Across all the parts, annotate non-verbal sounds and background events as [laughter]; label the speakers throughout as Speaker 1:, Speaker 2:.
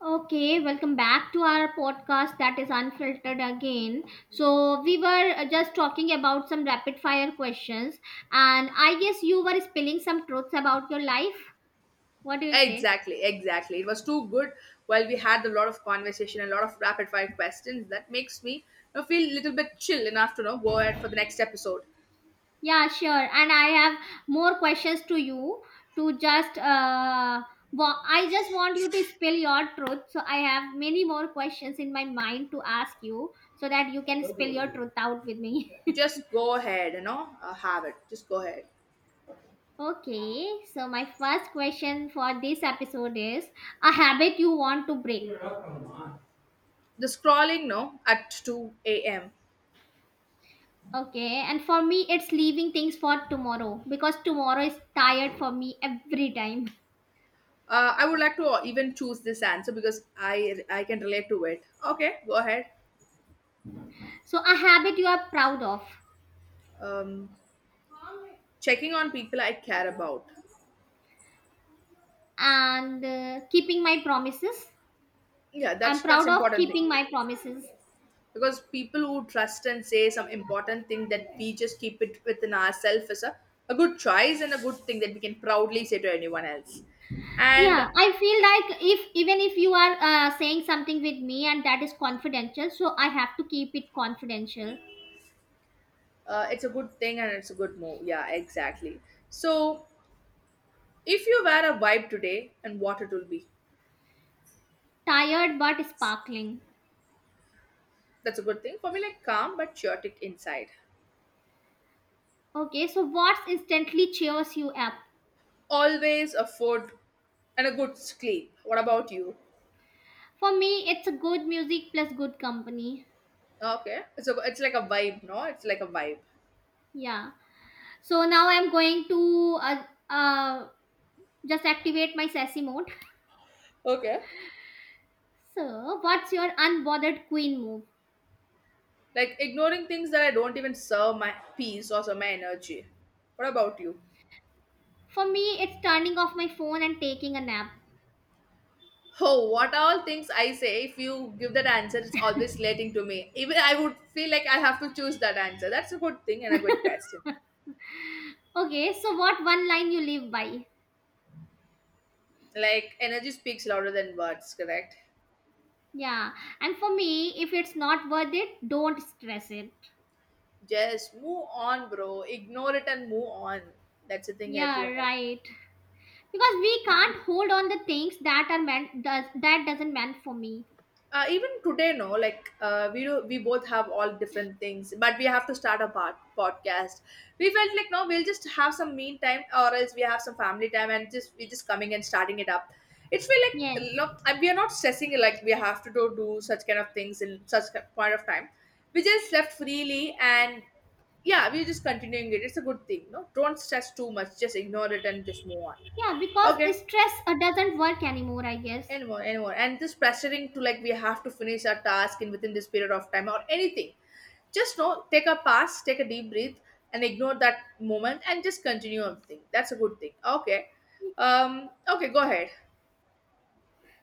Speaker 1: Okay, welcome back to our podcast that is unfiltered again. So, we were just talking about some rapid fire questions, and I guess you were spilling some truths about your life. What do you say?
Speaker 2: Exactly, exactly. It was too good. While we had a lot of conversation and a lot of rapid fire questions, that makes me feel a little bit chill enough to go ahead for the next episode.
Speaker 1: Yeah, sure. And I have more questions to you to just, I just want you to spill your truth. So, I have many more questions in my mind to ask you so that you can spill your truth out with me.
Speaker 2: Just go ahead, have it. Just go ahead.
Speaker 1: Okay, so my first question for this episode is a habit you want to break.
Speaker 2: The scrolling, no, at 2 a.m.
Speaker 1: Okay, and for me, it's leaving things for tomorrow because tomorrow is tired for me every time. [laughs]
Speaker 2: I would like to even choose this answer because I can relate to it. Okay, go ahead.
Speaker 1: So, a habit you are proud of
Speaker 2: Um, Checking on people I care about.
Speaker 1: and keeping my promises.
Speaker 2: Yeah,
Speaker 1: I'm
Speaker 2: that's
Speaker 1: proud of
Speaker 2: important
Speaker 1: keeping
Speaker 2: thing,
Speaker 1: my promises.
Speaker 2: because people who trust and say some important thing that we just keep it within ourselves is a good choice and a good thing that we can proudly say to anyone else,
Speaker 1: Yeah,
Speaker 2: and
Speaker 1: I feel like if even if you are saying something with me and that is confidential, so I have to keep it confidential.
Speaker 2: uh, it's a good thing and it's a good move, yeah, exactly. So if you wear a vibe today and what it will be?
Speaker 1: Tired but sparkling.
Speaker 2: That's a good thing for me, like calm but chaotic inside.
Speaker 1: Okay, so what's instantly cheers you up?
Speaker 2: Always a food and a good sleep, what about you?
Speaker 1: For me, it's a good music plus good company.
Speaker 2: Okay, so it's like a vibe, no, it's like a vibe.
Speaker 1: Yeah. So now I'm going to uh, just activate my sassy mode.
Speaker 2: Okay,
Speaker 1: So, what's your unbothered queen move?
Speaker 2: like ignoring things that I don't even serve my peace or serve my energy. What about you?
Speaker 1: For me, it's turning off my phone and taking a nap.
Speaker 2: Oh, what all things I say, if you give that answer, it's always relating to me. Even I would feel like I have to choose that answer. That's a good thing and a good question.
Speaker 1: Okay, so what one line you live by?
Speaker 2: Like, energy speaks louder than words, correct?
Speaker 1: Yeah. And for me, if it's not worth it, don't stress it.
Speaker 2: Just move on, bro. Ignore it and move on. That's the thing
Speaker 1: Yeah,
Speaker 2: everyone like.
Speaker 1: right. Because we can't hold on the things that are meant does that doesn't meant for me.
Speaker 2: Even today, no, like we do we both have all different things, but we have to start a podcast. We felt like, no, we'll just have some mean time, or else we have some family time, and just we just coming and starting it up. It's feel
Speaker 1: Yes.
Speaker 2: like, look, we are not stressing, like we have to do such kind of things in such point of time. We just left freely, and yeah, we're just continuing it. It's a good thing, no, don't stress too much, just ignore it and just move on.
Speaker 1: Yeah, because
Speaker 2: Okay,
Speaker 1: stress doesn't work anymore, I guess.
Speaker 2: anyone and this pressuring to, like, we have to finish our task in within this period of time or anything, just know, take a pass, take a deep breath and ignore that moment and just continue on thing. That's a good thing. Okay, okay, go ahead.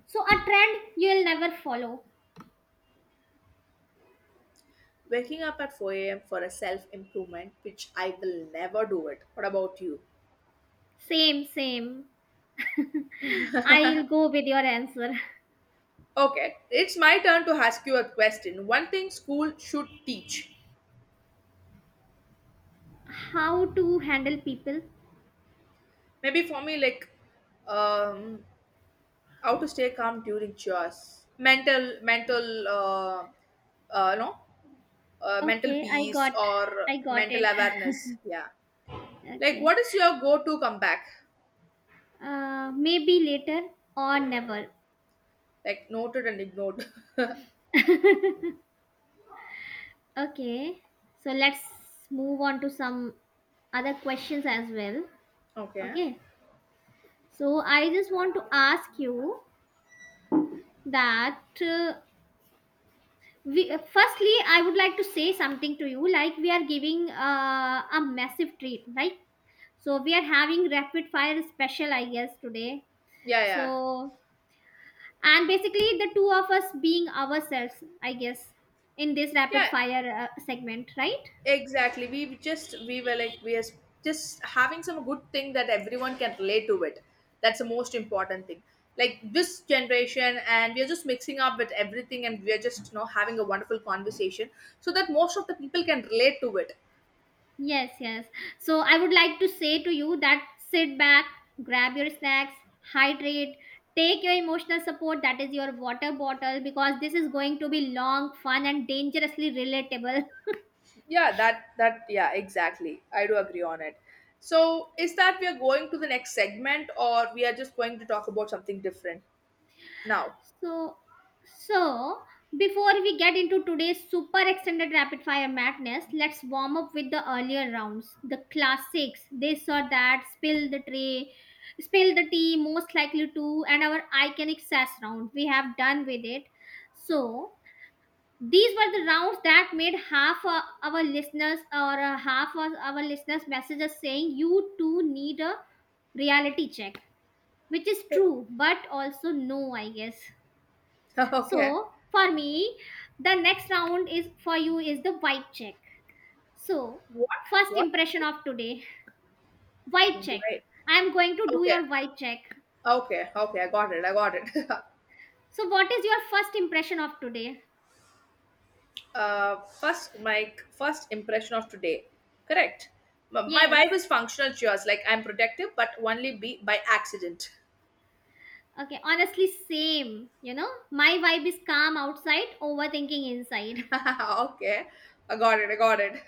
Speaker 1: So a trend you'll never follow.
Speaker 2: Waking up at 4 a.m. for a self-improvement, which I will never do it. What about you?
Speaker 1: Same, same. [laughs] I'll go with your answer.
Speaker 2: Okay, it's my turn to ask you a question. One thing school should teach,
Speaker 1: How to handle people?
Speaker 2: maybe for me, like, um how to stay calm during chores, mental, no, mental
Speaker 1: Okay,
Speaker 2: peace or
Speaker 1: I got
Speaker 2: mental
Speaker 1: it.
Speaker 2: awareness, yeah.
Speaker 1: [laughs]
Speaker 2: Like,
Speaker 1: Okay.
Speaker 2: what is your go to comeback?
Speaker 1: Uh, maybe later or never.
Speaker 2: Like, noted and ignored.
Speaker 1: Okay. So let's move on to some other questions as well.
Speaker 2: [laughs] Okay,
Speaker 1: Okay. So I just want to ask you that we, firstly, I would like to say something to you, like we are giving a massive treat, right? So we are having rapid fire special, I guess, today.
Speaker 2: yeah, yeah,
Speaker 1: So and basically the two of us being ourselves, I guess, in this rapid
Speaker 2: yeah.
Speaker 1: fire segment, right?
Speaker 2: Exactly. We were like we are just having some good thing that everyone can relate to it. That's the most important thing. Like this generation, and we are just mixing up with everything, and we are just having a wonderful conversation, so that most of the people can relate to it.
Speaker 1: Yes, yes. So I would like to say to you that sit back, grab your snacks, hydrate, take your emotional support, that is your water bottle, because this is going to be long fun and dangerously relatable.
Speaker 2: Yeah, that that, yeah, exactly, I do agree on it. So is that we are going to the next segment, or we are just going to talk about something different now?
Speaker 1: So, so before we get into today's super extended rapid fire madness, let's warm up with the earlier rounds, the classics. This or that, spill the tray, spill the tea, most likely to, and our iconic sass round. We have done with it. So these were the rounds that made half our listeners or half of our listeners message us saying you too need a reality check, which is true, but also no, I guess.
Speaker 2: [laughs] Okay.
Speaker 1: So for me, the next round is for you is the vibe check. So
Speaker 2: What?
Speaker 1: first
Speaker 2: What?
Speaker 1: impression of today, vibe check.
Speaker 2: Great.
Speaker 1: I am going to do
Speaker 2: Okay.
Speaker 1: your vibe check.
Speaker 2: Okay, okay, I got it. I got it.
Speaker 1: So what is your first impression of today?
Speaker 2: [laughs] My first impression of today. Correct. My
Speaker 1: Yes.
Speaker 2: vibe is functional cheers. Like I'm protective, but only be by accident.
Speaker 1: Okay, honestly, same. You know, my vibe is calm outside, overthinking
Speaker 2: [laughs]
Speaker 1: inside. [laughs]
Speaker 2: Okay, I got it. I got it.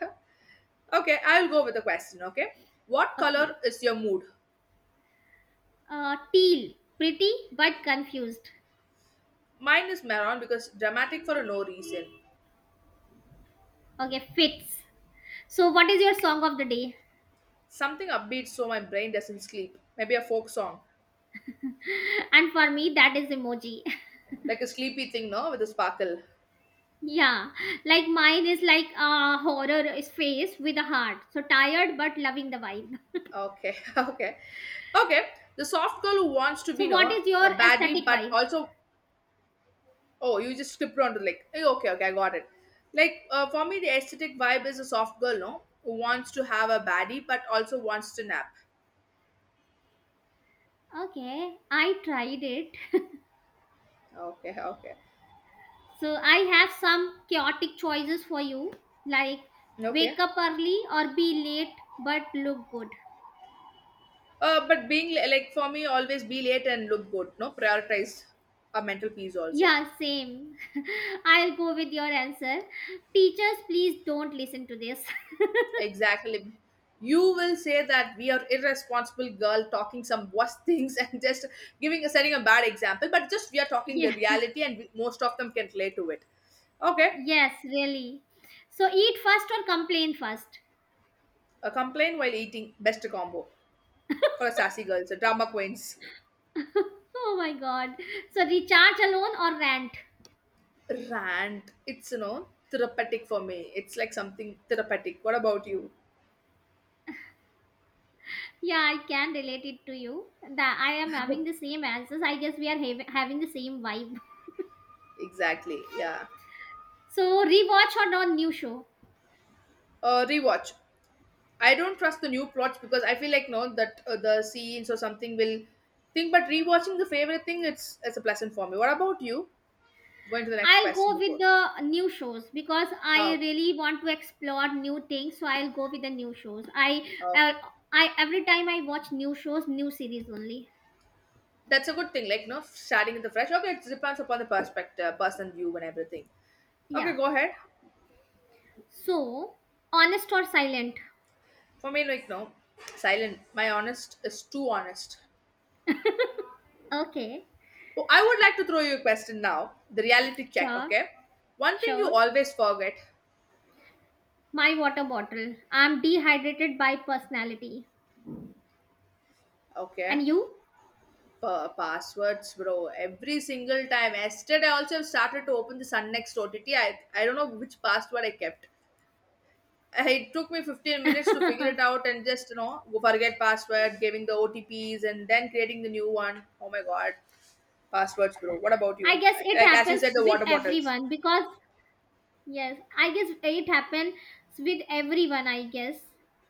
Speaker 2: [laughs] Okay, I'll go with the question. Okay, what color
Speaker 1: Okay.
Speaker 2: is your mood?
Speaker 1: Teal, pretty but confused.
Speaker 2: Mine is maroon, because dramatic for a no reason.
Speaker 1: Okay, fits. So, what is your song of the day?
Speaker 2: Something upbeat so my brain doesn't sleep. Maybe a folk song,
Speaker 1: [laughs] And for me, that is emoji.
Speaker 2: like a sleepy thing, no, with a sparkle.
Speaker 1: Yeah, like mine is like a horror face with a heart. So tired but loving the vibe.
Speaker 2: Okay, [laughs] okay, okay. The soft girl who wants to be,
Speaker 1: So
Speaker 2: you
Speaker 1: what
Speaker 2: know,
Speaker 1: is your
Speaker 2: a baddie,
Speaker 1: aesthetic
Speaker 2: but
Speaker 1: vibe?
Speaker 2: also, oh, you just skipped on to, like, eh, okay, okay, I got it. Like, for me, the aesthetic vibe is a soft girl, no, who wants to have a baddie, but also wants to nap.
Speaker 1: Okay, I tried it.
Speaker 2: Okay, okay,
Speaker 1: So I have some chaotic choices for you, like
Speaker 2: okay.
Speaker 1: wake up early or be late but look good.
Speaker 2: But being like, for me, always be late and look good, no, prioritize a mental peace also.
Speaker 1: Yeah, same. [laughs] I'll go with your answer. Teachers, please don't listen to this. [laughs]
Speaker 2: Exactly. You will say that we are irresponsible girl talking some worse [laughs] things and just giving setting a bad example, but just we are talking the
Speaker 1: Yeah.
Speaker 2: reality, and we, most of them can relate to it. Okay,
Speaker 1: Yes, really. So eat first or complain first.
Speaker 2: a complaint while eating, best combo for sassy girls, drama queens.
Speaker 1: Oh my god. So recharge alone or rant?
Speaker 2: Rant. It's therapeutic for me. It's like something therapeutic. What about you?
Speaker 1: Yeah, I can relate it to you. That I am having the
Speaker 2: [laughs]
Speaker 1: same answers. I guess having the same vibe.
Speaker 2: Exactly. Yeah.
Speaker 1: So rewatch or non new show?
Speaker 2: Rewatch. I don't trust the new plots because I feel like, no, that the scenes or something will think. But rewatching the favorite thing, it's a pleasant for me. What about you? Going to the next
Speaker 1: I'll
Speaker 2: question
Speaker 1: go with
Speaker 2: before.
Speaker 1: the new shows because I
Speaker 2: Oh,
Speaker 1: really want to explore new things. So I'll go with the new shows.
Speaker 2: oh,
Speaker 1: Uh, I every time I watch new shows, new series only.
Speaker 2: that's a good thing. Like, no, starting with the fresh. Okay, it depends upon the perspective, person view, and everything. Okay,
Speaker 1: Yeah.
Speaker 2: go ahead.
Speaker 1: So honest or silent?
Speaker 2: For me, like, no, silent. My honest is too honest.
Speaker 1: Okay.
Speaker 2: Oh, I would like to throw you a question now. The reality check.
Speaker 1: Sure,
Speaker 2: Okay, one thing you
Speaker 1: sure.
Speaker 2: always forget.
Speaker 1: My water bottle. I'm dehydrated by personality.
Speaker 2: Okay,
Speaker 1: And you?
Speaker 2: Passwords, bro. Every single time. Yesterday, I also started to open the Sunnext OTT. I don't know which password I kept. It took me 15
Speaker 1: [laughs]
Speaker 2: minutes to figure
Speaker 1: I
Speaker 2: it out and just go forget password, giving the OTPs, and then creating the new one. Oh my god, passwords, bro. What about you?
Speaker 1: guess it
Speaker 2: Like as you
Speaker 1: happens
Speaker 2: said, the
Speaker 1: with
Speaker 2: water bottles.
Speaker 1: everyone because, yes, I guess it happens with everyone, I guess,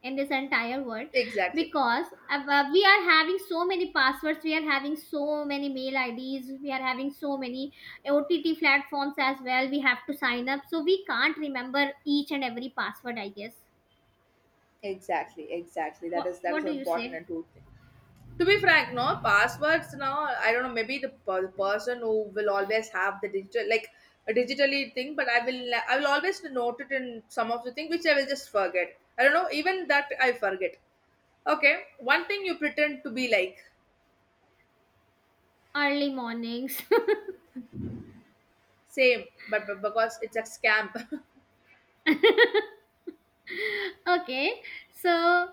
Speaker 1: in this entire world
Speaker 2: Exactly,
Speaker 1: because we are having so many passwords, we are having so many mail IDs, we are having so many OTT platforms as well. We have to sign up, so we can't remember each and every password, I guess.
Speaker 2: exactly, exactly. That
Speaker 1: What,
Speaker 2: is, that is
Speaker 1: what
Speaker 2: so
Speaker 1: do you
Speaker 2: important
Speaker 1: say?
Speaker 2: and true. To be frank, no, passwords now, I don't know, maybe the person who will always have the digital, like a digitally thing, but I will always note it in some of the thing, which I will just forget, I don't know, even that I forget. Okay, one thing you pretend to be, like,
Speaker 1: Early mornings.
Speaker 2: same, but because it's a scam.
Speaker 1: [laughs] Okay, so I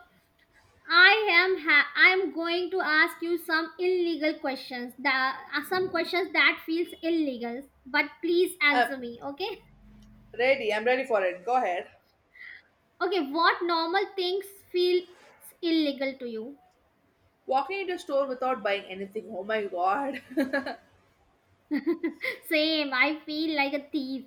Speaker 1: am ha- I am going to ask you some illegal questions. The some questions that feels illegal, but please
Speaker 2: [laughs] uh,
Speaker 1: answer me. Okay.
Speaker 2: ready I'm ready for it, go ahead.
Speaker 1: Okay. What normal things feel illegal to you?
Speaker 2: Walking into a store without buying anything, oh my god. [laughs]
Speaker 1: [laughs] Same. I feel like a thief.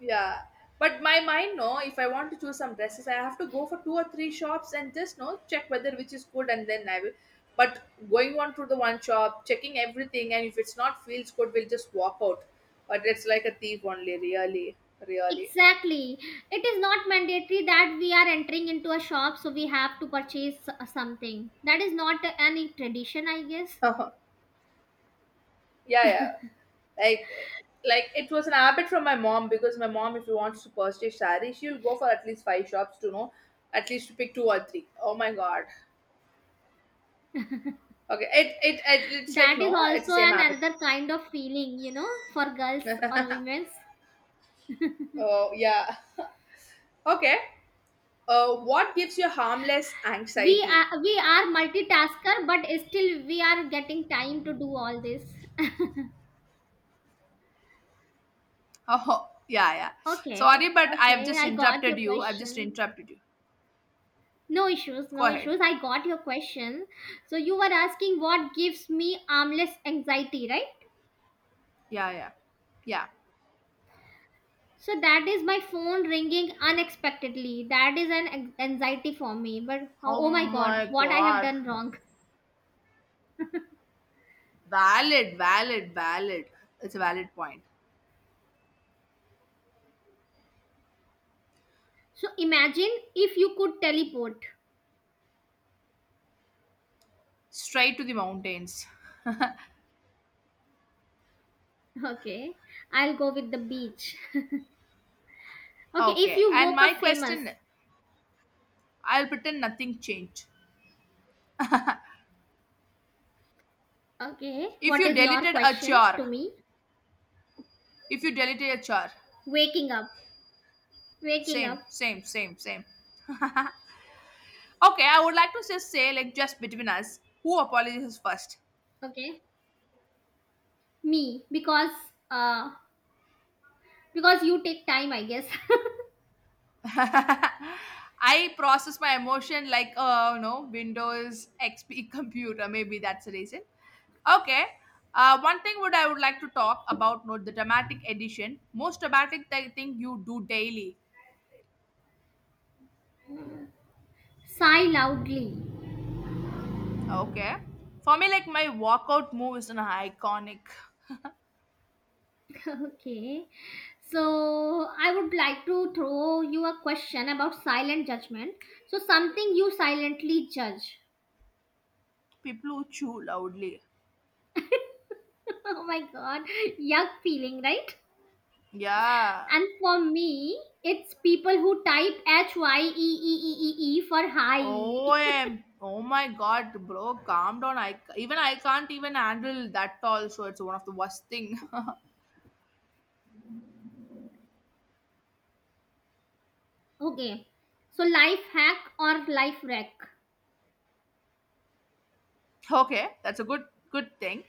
Speaker 2: Yeah, but my mind, no, if I want to choose some dresses, I have to go for two or three shops and just no check whether which is good, and then I will. But going on to the one shop, checking everything, and if it's not feels good, we'll just walk out. But it's like a thief only, really, really. [laughs]
Speaker 1: Exactly. It is not mandatory that we are entering into a shop, so we have to purchase something. That is not any tradition, I guess.
Speaker 2: Uh-huh. Yeah, yeah. Like, like, it was an habit from my mom, because my mom, if she wants to purchase sari, she'll go for at least five shops to know, at least to pick two or three. Oh my god. Okay, it's like,
Speaker 1: That is
Speaker 2: no, it's
Speaker 1: also
Speaker 2: the same
Speaker 1: an
Speaker 2: habit.
Speaker 1: another kind of feeling, you know, for girls or women's.
Speaker 2: Oh, yeah. [laughs] Okay. What gives you harmless
Speaker 1: We
Speaker 2: anxiety? [laughs]
Speaker 1: are, we are multitasker, but still we are getting time to do all this.
Speaker 2: Oh, yeah, yeah.
Speaker 1: Okay,
Speaker 2: Sorry, but I have
Speaker 1: okay,
Speaker 2: just
Speaker 1: I got
Speaker 2: interrupted
Speaker 1: your
Speaker 2: you. I've just
Speaker 1: question.
Speaker 2: interrupted you.
Speaker 1: No issues,
Speaker 2: Go
Speaker 1: no
Speaker 2: ahead.
Speaker 1: issues, I got your question. So you were asking what gives me armless anxiety, right?
Speaker 2: Yeah, yeah, yeah.
Speaker 1: So that is my phone ringing unexpectedly. That is an anxiety for me. But
Speaker 2: Oh
Speaker 1: oh, oh my god,
Speaker 2: my
Speaker 1: what I have
Speaker 2: God.
Speaker 1: done wrong.
Speaker 2: Valid, valid, valid. It's a valid point.
Speaker 1: So imagine if you could teleport.
Speaker 2: Straight to the mountains. [laughs]
Speaker 1: Okay, I'll go with the beach. [laughs] Okay, if
Speaker 2: Okay.
Speaker 1: you
Speaker 2: And
Speaker 1: woke up
Speaker 2: my
Speaker 1: famous,
Speaker 2: question, I'll pretend nothing changed.
Speaker 1: okay,
Speaker 2: If
Speaker 1: what
Speaker 2: you
Speaker 1: is your
Speaker 2: deleted a
Speaker 1: question to
Speaker 2: char,
Speaker 1: me?
Speaker 2: if you deleted a char,
Speaker 1: Waking up, waking
Speaker 2: same,
Speaker 1: up.
Speaker 2: same, same, same. Okay, I would like to just say, like, just between us, who apologizes first?
Speaker 1: Okay, me uh because you take time, I guess. [laughs]
Speaker 2: [laughs] I process my emotion like, Windows XP [laughs] computer. Maybe that's the reason. Okay. One thing would I would like to talk about, no, the dramatic edition. Most dramatic thing you do daily.
Speaker 1: Sigh loudly.
Speaker 2: Okay. For me, like, my walkout move is an iconic.
Speaker 1: [laughs] Okay, so I would like to throw you a question about silent judgment. So something you silently judge.
Speaker 2: People who chew loudly.
Speaker 1: [laughs] Oh my god, yuck feeling, right?
Speaker 2: Yeah.
Speaker 1: And for me, it's people who type HYEEEEE for high. [laughs]
Speaker 2: OM. Oh my god, bro, calm down. I even I can't even handle that tall, so it's one of the worst thing. [laughs]
Speaker 1: Okay, so life hack or life wreck.
Speaker 2: Okay, that's a good thing.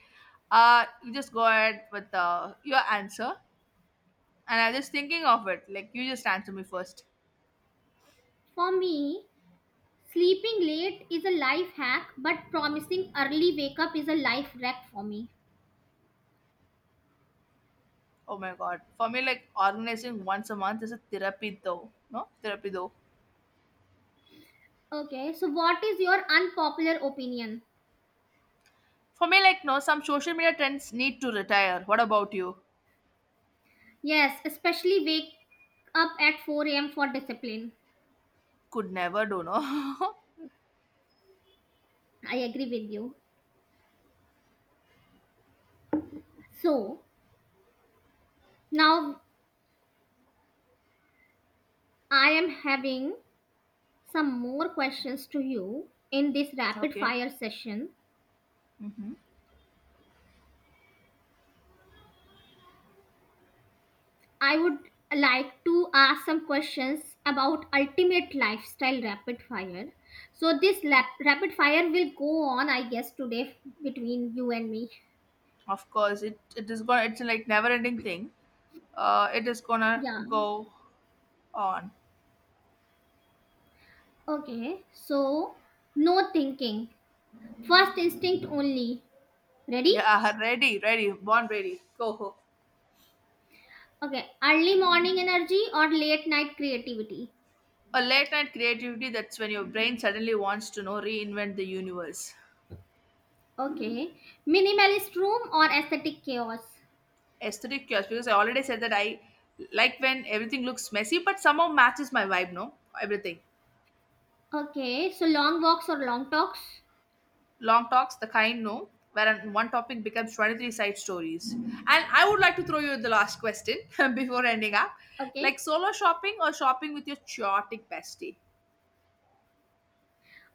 Speaker 2: You just go ahead with your answer. And I'm just thinking of it. Like, you just answer me first.
Speaker 1: For me, sleeping late is a life hack, but promising early wake up is a life wreck for me.
Speaker 2: Oh my god. For me, like organizing once a month is a therapy though. No? Therapy though.
Speaker 1: Okay, so what is your unpopular opinion?
Speaker 2: For me, like, no, some social media trends need to retire. What about you?
Speaker 1: Yes, especially wake up at 4 a.m. for discipline.
Speaker 2: Could never do, no?
Speaker 1: I agree with you. So now I am having some more questions to you in this
Speaker 2: [laughs]
Speaker 1: rapid
Speaker 2: Okay.
Speaker 1: fire session.
Speaker 2: Mm-hmm.
Speaker 1: I would like to ask some questions about ultimate lifestyle rapid fire. So this rapid fire will go on, I guess, today between you and me.
Speaker 2: Of course, it is going. It's like never ending thing. It is gonna
Speaker 1: Yeah.
Speaker 2: go on.
Speaker 1: Okay. So no thinking. First instinct only. Ready?
Speaker 2: Yeah, ready, ready, born ready. Go.
Speaker 1: Okay. Early morning energy or late night creativity.
Speaker 2: A late night creativity. That's when your brain suddenly wants to know reinvent the universe.
Speaker 1: Okay. Minimalist room or aesthetic chaos.
Speaker 2: Aesthetic chaos, because I already said that I like when everything looks messy, but somehow matches my vibe. No, everything.
Speaker 1: Okay, so long walks or long talks?
Speaker 2: Long talks, the kind, no, where one topic becomes 23 side stories. And I would like to throw you the last question [laughs] before ending up,
Speaker 1: Okay.
Speaker 2: like, solo shopping or shopping with your chaotic bestie.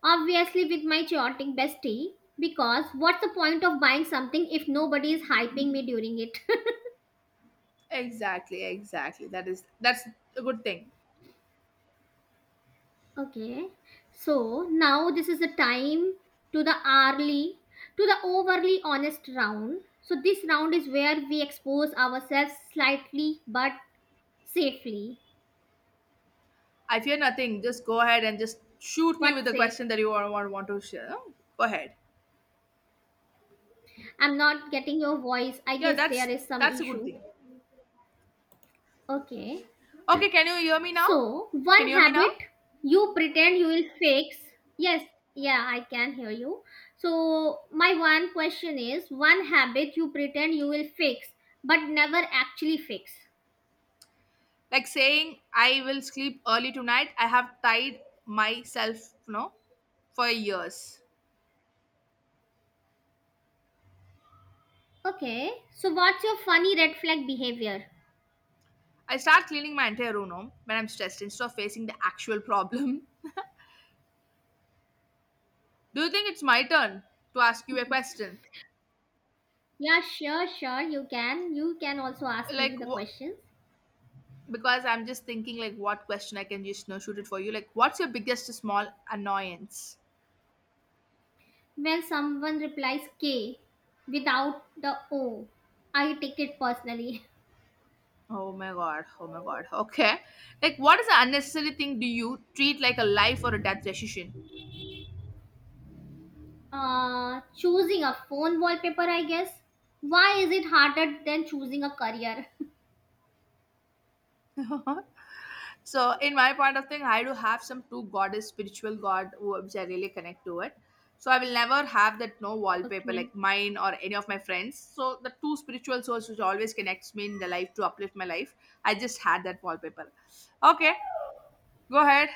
Speaker 1: Obviously, with my chaotic bestie, because what's the point of buying something if nobody is hyping me during it?
Speaker 2: Exactly, exactly. That's a good thing.
Speaker 1: [laughs] Okay, so now this is the time to the hourly, to the overly honest round. So, this round is where we expose ourselves slightly but safely.
Speaker 2: I fear nothing. Just go ahead and just shoot me with
Speaker 1: What
Speaker 2: the
Speaker 1: say?
Speaker 2: question that you want to share. Go ahead.
Speaker 1: I'm not getting your voice. I
Speaker 2: Yeah,
Speaker 1: guess there
Speaker 2: that's
Speaker 1: is some
Speaker 2: that's a good
Speaker 1: issue.
Speaker 2: thing.
Speaker 1: Okay.
Speaker 2: Okay, can you hear me now?
Speaker 1: So,
Speaker 2: Can
Speaker 1: one
Speaker 2: you hear me now?
Speaker 1: habit you pretend you will fix. Yes, yeah, I can hear you. So, my one question is one habit you pretend you will fix but never actually fix.
Speaker 2: Like saying, I will sleep early tonight, I have tied myself, you know, for years.
Speaker 1: Okay, so what's your funny red flag behavior?
Speaker 2: I start cleaning my entire room no, when I'm stressed instead of facing the actual problem. [laughs] Do you think it's my turn to ask you a question?
Speaker 1: Yeah, sure, sure, you can. You can also ask me
Speaker 2: Like,
Speaker 1: the
Speaker 2: wh-
Speaker 1: questions.
Speaker 2: because I'm just thinking, like, what question I can just you know, shoot it for you. Like, what's your biggest small annoyance?
Speaker 1: When someone replies K without the O, I take it personally. [laughs]
Speaker 2: Oh my god, oh my god. Okay. Like, what is the unnecessary thing do you treat like a life or a death decision?
Speaker 1: Choosing a phone wallpaper, I guess. Why is it harder than choosing a career? [laughs]
Speaker 2: [laughs] So in my point of thing, I do have some two goddess spiritual which I really connect to it. So I will never have that no wallpaper
Speaker 1: Okay.
Speaker 2: like mine or any of my friends. So the two spiritual souls which always connects me in the life to uplift my life, I just had that wallpaper. Okay, go ahead.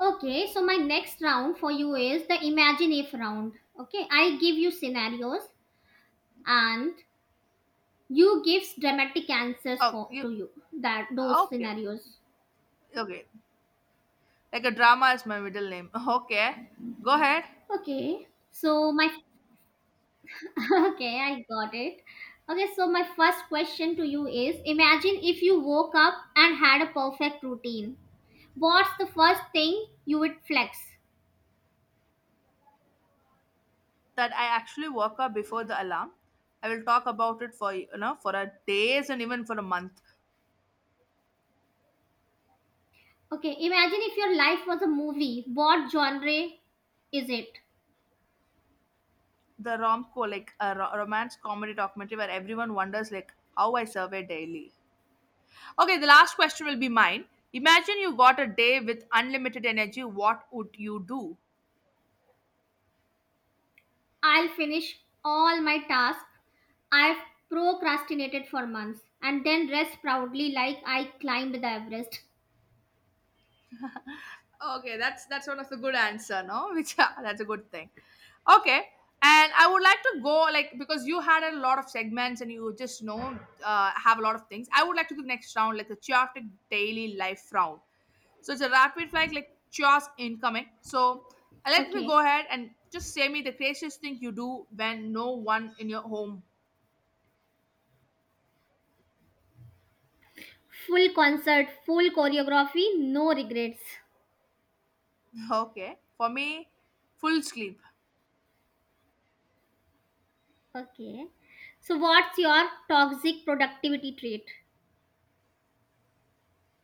Speaker 1: Okay, so my next round for you is the imagine if round. Okay, I give you scenarios and you give dramatic answers
Speaker 2: Oh
Speaker 1: for
Speaker 2: you.
Speaker 1: to you that those
Speaker 2: Okay,
Speaker 1: scenarios.
Speaker 2: okay, like a drama is my middle name. [laughs] Okay, go ahead.
Speaker 1: Okay, so my [laughs] okay, I got it. Okay, so my first question to you is imagine if you woke up and had a perfect routine. What's the first thing you would flex?
Speaker 2: That I actually woke up before the alarm. I will talk about it for you know for a days and even for a month.
Speaker 1: Okay, imagine if your life was a movie. What genre is it?
Speaker 2: The romco like a romance comedy documentary where everyone wonders like how I survey daily. Okay, the last question will be mine. Imagine you got a day with unlimited energy, what would you do?
Speaker 1: I'll finish all my tasks I've procrastinated for months and then rest proudly like I climbed the Everest.
Speaker 2: Okay, that's one of the good answer, no? [laughs] Which that's a good thing. Okay, and I would like to go like because you had a lot of segments and you just you know have a lot of things. I would like to do next round like the chaotic daily life round. So it's a rapid flag like chaos incoming. So let me
Speaker 1: Okay.
Speaker 2: go ahead and just say me the craziest thing you do when no one in your home.
Speaker 1: Full concert, full choreography, no regrets.
Speaker 2: [laughs] Okay, for me, full sleep.
Speaker 1: Okay. So, what's your toxic productivity trait?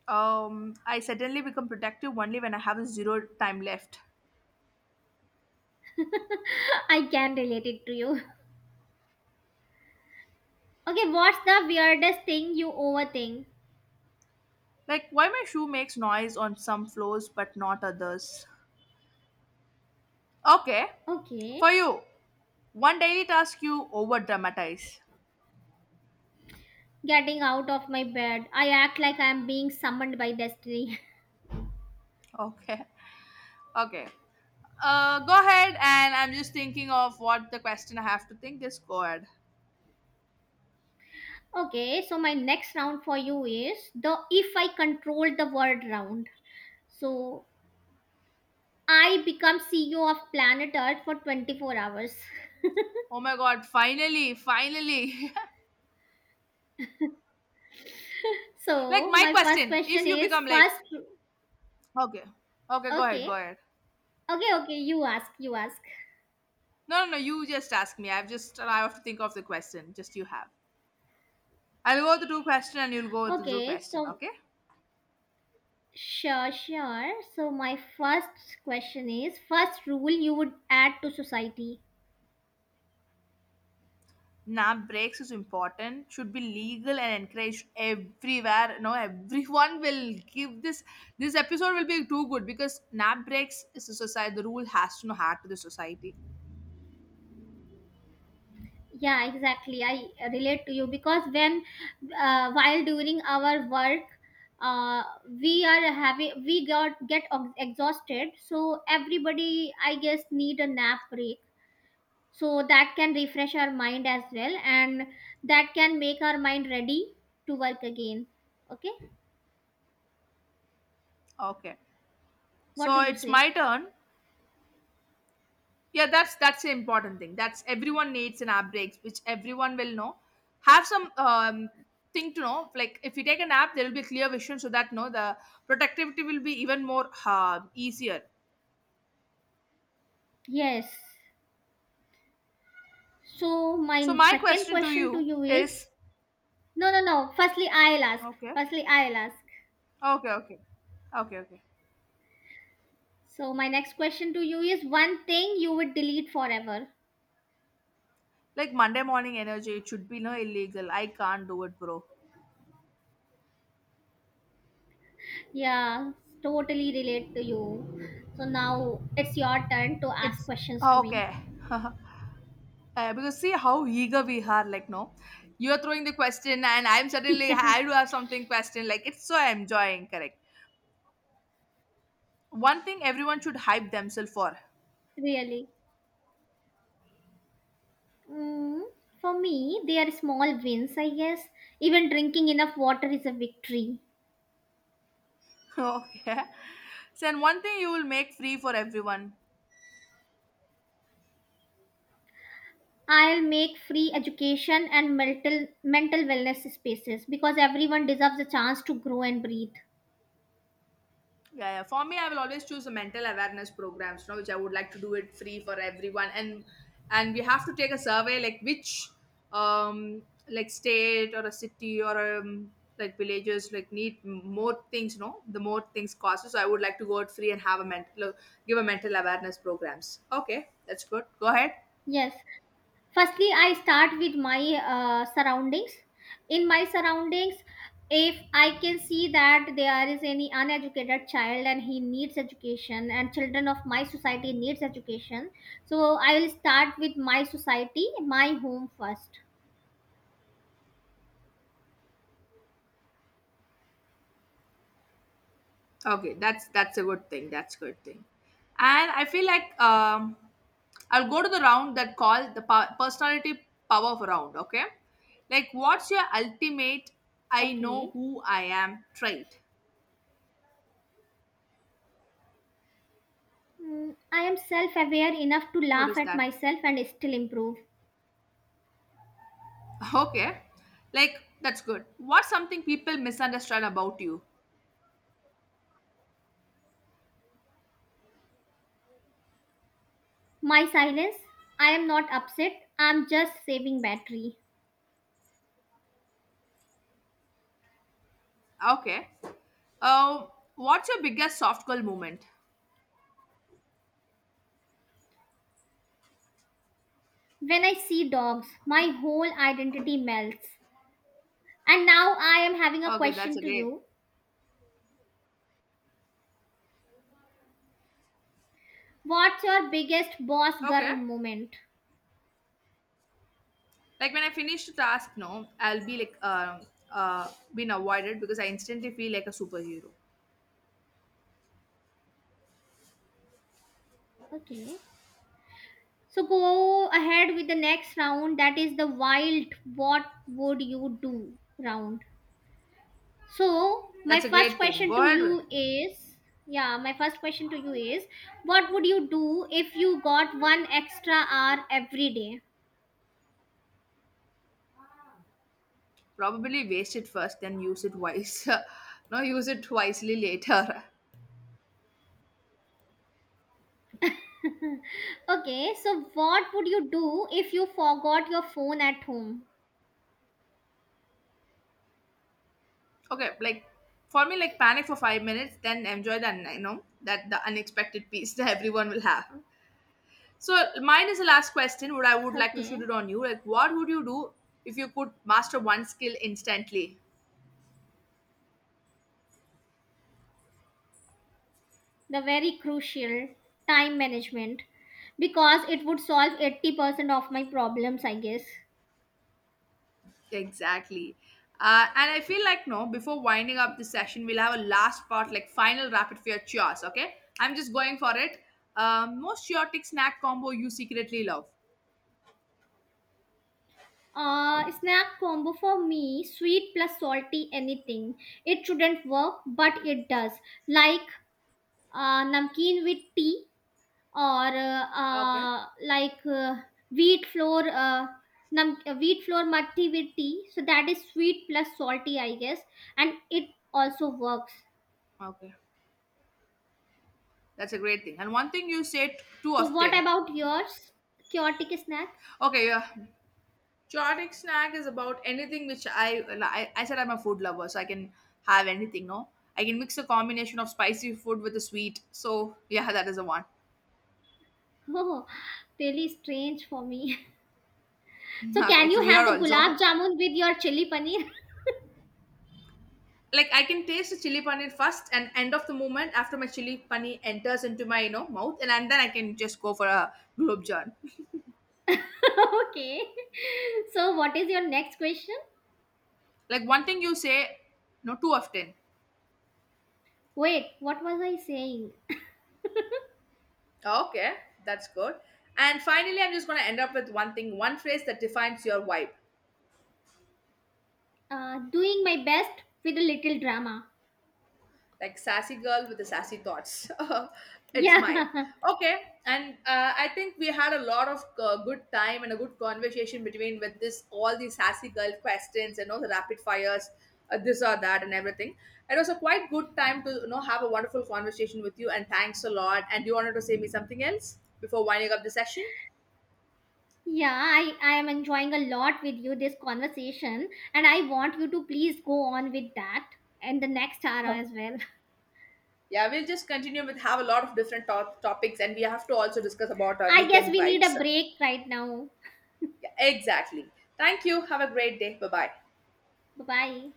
Speaker 2: I suddenly become productive only when I have zero time left.
Speaker 1: [laughs] I can relate it to you. Okay, what's the weirdest thing you overthink?
Speaker 2: Like why my shoe makes noise on some floors but not others. Okay.
Speaker 1: Okay.
Speaker 2: For you, one daily task you over dramatize.
Speaker 1: Getting out of my bed. I act like I am being summoned by destiny.
Speaker 2: Okay. Okay. Go ahead, and I'm just thinking of what the question I have to think. This go ahead.
Speaker 1: [laughs] Okay, so my next round for you is the if I control the world round. So I become CEO of planet Earth for 24 hours. [laughs]
Speaker 2: Oh my god, finally, finally. [laughs] Like
Speaker 1: So
Speaker 2: my
Speaker 1: my first
Speaker 2: question, if
Speaker 1: question
Speaker 2: you
Speaker 1: is
Speaker 2: become like
Speaker 1: first
Speaker 2: okay, okay, go ahead,
Speaker 1: okay.
Speaker 2: go ahead.
Speaker 1: Okay, okay, you ask, you ask.
Speaker 2: No, no, no, you just ask me. I have to think of the question. Just you have. I'll go with the true question and you'll go with the true
Speaker 1: Okay,
Speaker 2: question,
Speaker 1: so
Speaker 2: okay?
Speaker 1: sure, sure. So my first question is first rule you would add to society.
Speaker 2: Nap breaks is important, should be legal and encouraged everywhere. No, everyone will give this, this episode will be too good because nap breaks is a society, the rule has to know hard to the society.
Speaker 1: Yeah, exactly, I relate to you because when while during our work, uh, we are having, we got get exhausted, so everybody, I guess, need a nap break so that can refresh our mind as well and that can make our mind ready to work again. Okay,
Speaker 2: Okay,
Speaker 1: what
Speaker 2: so
Speaker 1: do you
Speaker 2: it's
Speaker 1: say?
Speaker 2: my turn. Yeah, that's the important thing. That's everyone needs an nap breaks, which everyone will know. Have some thing to know, like if you take a nap there will be clear vision so that no the productivity will be even more easier.
Speaker 1: Yes, so
Speaker 2: So
Speaker 1: my
Speaker 2: my
Speaker 1: second
Speaker 2: question to
Speaker 1: question to
Speaker 2: you
Speaker 1: you is
Speaker 2: is
Speaker 1: no, no, no,
Speaker 2: okay.
Speaker 1: firstly I'll ask.
Speaker 2: Okay, okay. Okay, okay.
Speaker 1: So my next question to you is one thing you would delete forever.
Speaker 2: Like Monday morning energy, it should be no illegal. I can't do it, bro.
Speaker 1: Yeah, totally relate to you. So now it's your turn to ask
Speaker 2: It's
Speaker 1: questions to me.
Speaker 2: okay. [laughs] Because see how eager we are, like no. You're throwing the question and I'm suddenly I do have something question. Like it's so enjoying, correct. One thing everyone should hype themselves for.
Speaker 1: Really. Mm, for me, they are small wins, I guess. Even drinking enough water is a victory.
Speaker 2: [laughs] Okay. So and one thing you will make free for everyone.
Speaker 1: I'll make free education and mental wellness spaces because everyone deserves a chance to grow and breathe.
Speaker 2: Yeah, yeah. For me, I will always choose the mental awareness programs, you know, which I would like to do it free for everyone. And we have to take a survey, like which um like state or a city or like villages like need more things, you know, the more things cost. So I would like to go it free and have a mental give a mental awareness programs. Okay, that's good. Go ahead.
Speaker 1: Yes, firstly I start with my surroundings. In my surroundings, if I can see that there is any uneducated child and he needs education, and children of my society needs education, so I will start with my society, my home first.
Speaker 2: Okay, that's a good thing. That's a good thing. And I feel like I'll go to the round that called the personality power of round. Okay, like what's your ultimate "I know
Speaker 1: Okay.
Speaker 2: who I am" trait?
Speaker 1: Mm, I am self aware enough to
Speaker 2: What
Speaker 1: laugh
Speaker 2: is
Speaker 1: at
Speaker 2: that?
Speaker 1: myself and still improve.
Speaker 2: [laughs] Okay, like that's good. What's something people misunderstand about you?
Speaker 1: My silence, I am not upset, I am just saving battery.
Speaker 2: Okay. Um, what's your biggest soft girl moment?
Speaker 1: When I see dogs, my whole identity melts. And now I am having a
Speaker 2: Okay, that's
Speaker 1: question
Speaker 2: a
Speaker 1: to
Speaker 2: great.
Speaker 1: you. What's your biggest boss
Speaker 2: Okay.
Speaker 1: girl moment?
Speaker 2: Like when I finish the task no I'll be like uh been avoided because I instantly feel like a superhero.
Speaker 1: Okay. So go ahead with the next round that is the wild what would you do round. So my
Speaker 2: That's a
Speaker 1: first
Speaker 2: great thing,
Speaker 1: question
Speaker 2: go
Speaker 1: to
Speaker 2: ahead.
Speaker 1: you is yeah, my first question to you is what would you do if you got one extra hour every day?
Speaker 2: Probably waste it first then use it wise. [laughs] No, use it wisely later.
Speaker 1: Okay, so what would you do if you forgot your phone at home?
Speaker 2: [laughs] Okay, like for me like panic for 5 minutes then enjoy the you know that the unexpected piece [laughs] that everyone will have. So mine is the last question, would I would like to
Speaker 1: Okay.
Speaker 2: shoot it on you, like what would you do if you could master one skill instantly.
Speaker 1: The very crucial time management, because it would solve 80% of my problems, I guess.
Speaker 2: Exactly. And I feel like, no, before winding up this session, we'll have a last part, like final rapid fire chores, okay? I'm just going for it. Most chaotic snack combo you secretly love.
Speaker 1: Uh, snack combo for me, sweet plus salty anything. It shouldn't work, but it does. Like namkeen with tea or
Speaker 2: Okay.
Speaker 1: like uh, wheat flour wheat flour matti with tea. So that is sweet plus salty, I guess, and it also works.
Speaker 2: Okay. That's a great thing. And one thing you say too
Speaker 1: So what
Speaker 2: often.
Speaker 1: about yours, chaotic snack?
Speaker 2: Okay, yeah. Chaotic snack is about anything which I said I'm a food lover, so I can have anything, no? I can mix a combination of spicy food with a sweet. So yeah, [laughs] that is the one.
Speaker 1: Oh, really strange for me. [laughs] So,
Speaker 2: [laughs] Okay,
Speaker 1: can
Speaker 2: it's
Speaker 1: you have
Speaker 2: weird
Speaker 1: the gulab
Speaker 2: also.
Speaker 1: jamun with your chili paneer?
Speaker 2: Like I can taste the chili paneer first and end of the moment after my chili paneer enters into my you know mouth and then I can just go for a gulab jar.
Speaker 1: [laughs] Okay. So, what is your next question?
Speaker 2: Like one thing you say, no too often.
Speaker 1: Wait, what was I saying?
Speaker 2: Okay, that's good. And finally, I'm just gonna end up with one thing, one phrase that defines your vibe.
Speaker 1: Doing my best with a little drama.
Speaker 2: Like sassy girl with the sassy thoughts. [laughs] It's mine.
Speaker 1: Yeah. [laughs]
Speaker 2: Okay, and I think we had a lot of good time and a good conversation between with this all these sassy girl questions and all the rapid fires, this or that and everything. It was a quite good time to you know have a wonderful conversation with you and thanks a lot. And you wanted to say me something else before winding up the session.
Speaker 1: Yeah, I am enjoying a lot with you this conversation, and I want you to please go on with that and the next hour
Speaker 2: Huh.
Speaker 1: as well.
Speaker 2: Yeah, we'll just continue with have a lot of different topics and we have to also discuss about
Speaker 1: [laughs]
Speaker 2: our
Speaker 1: I guess
Speaker 2: weekend
Speaker 1: we need a
Speaker 2: vibes.
Speaker 1: break right now.
Speaker 2: Yeah, exactly. Thank you. Have a great day. Bye bye.
Speaker 1: Bye bye.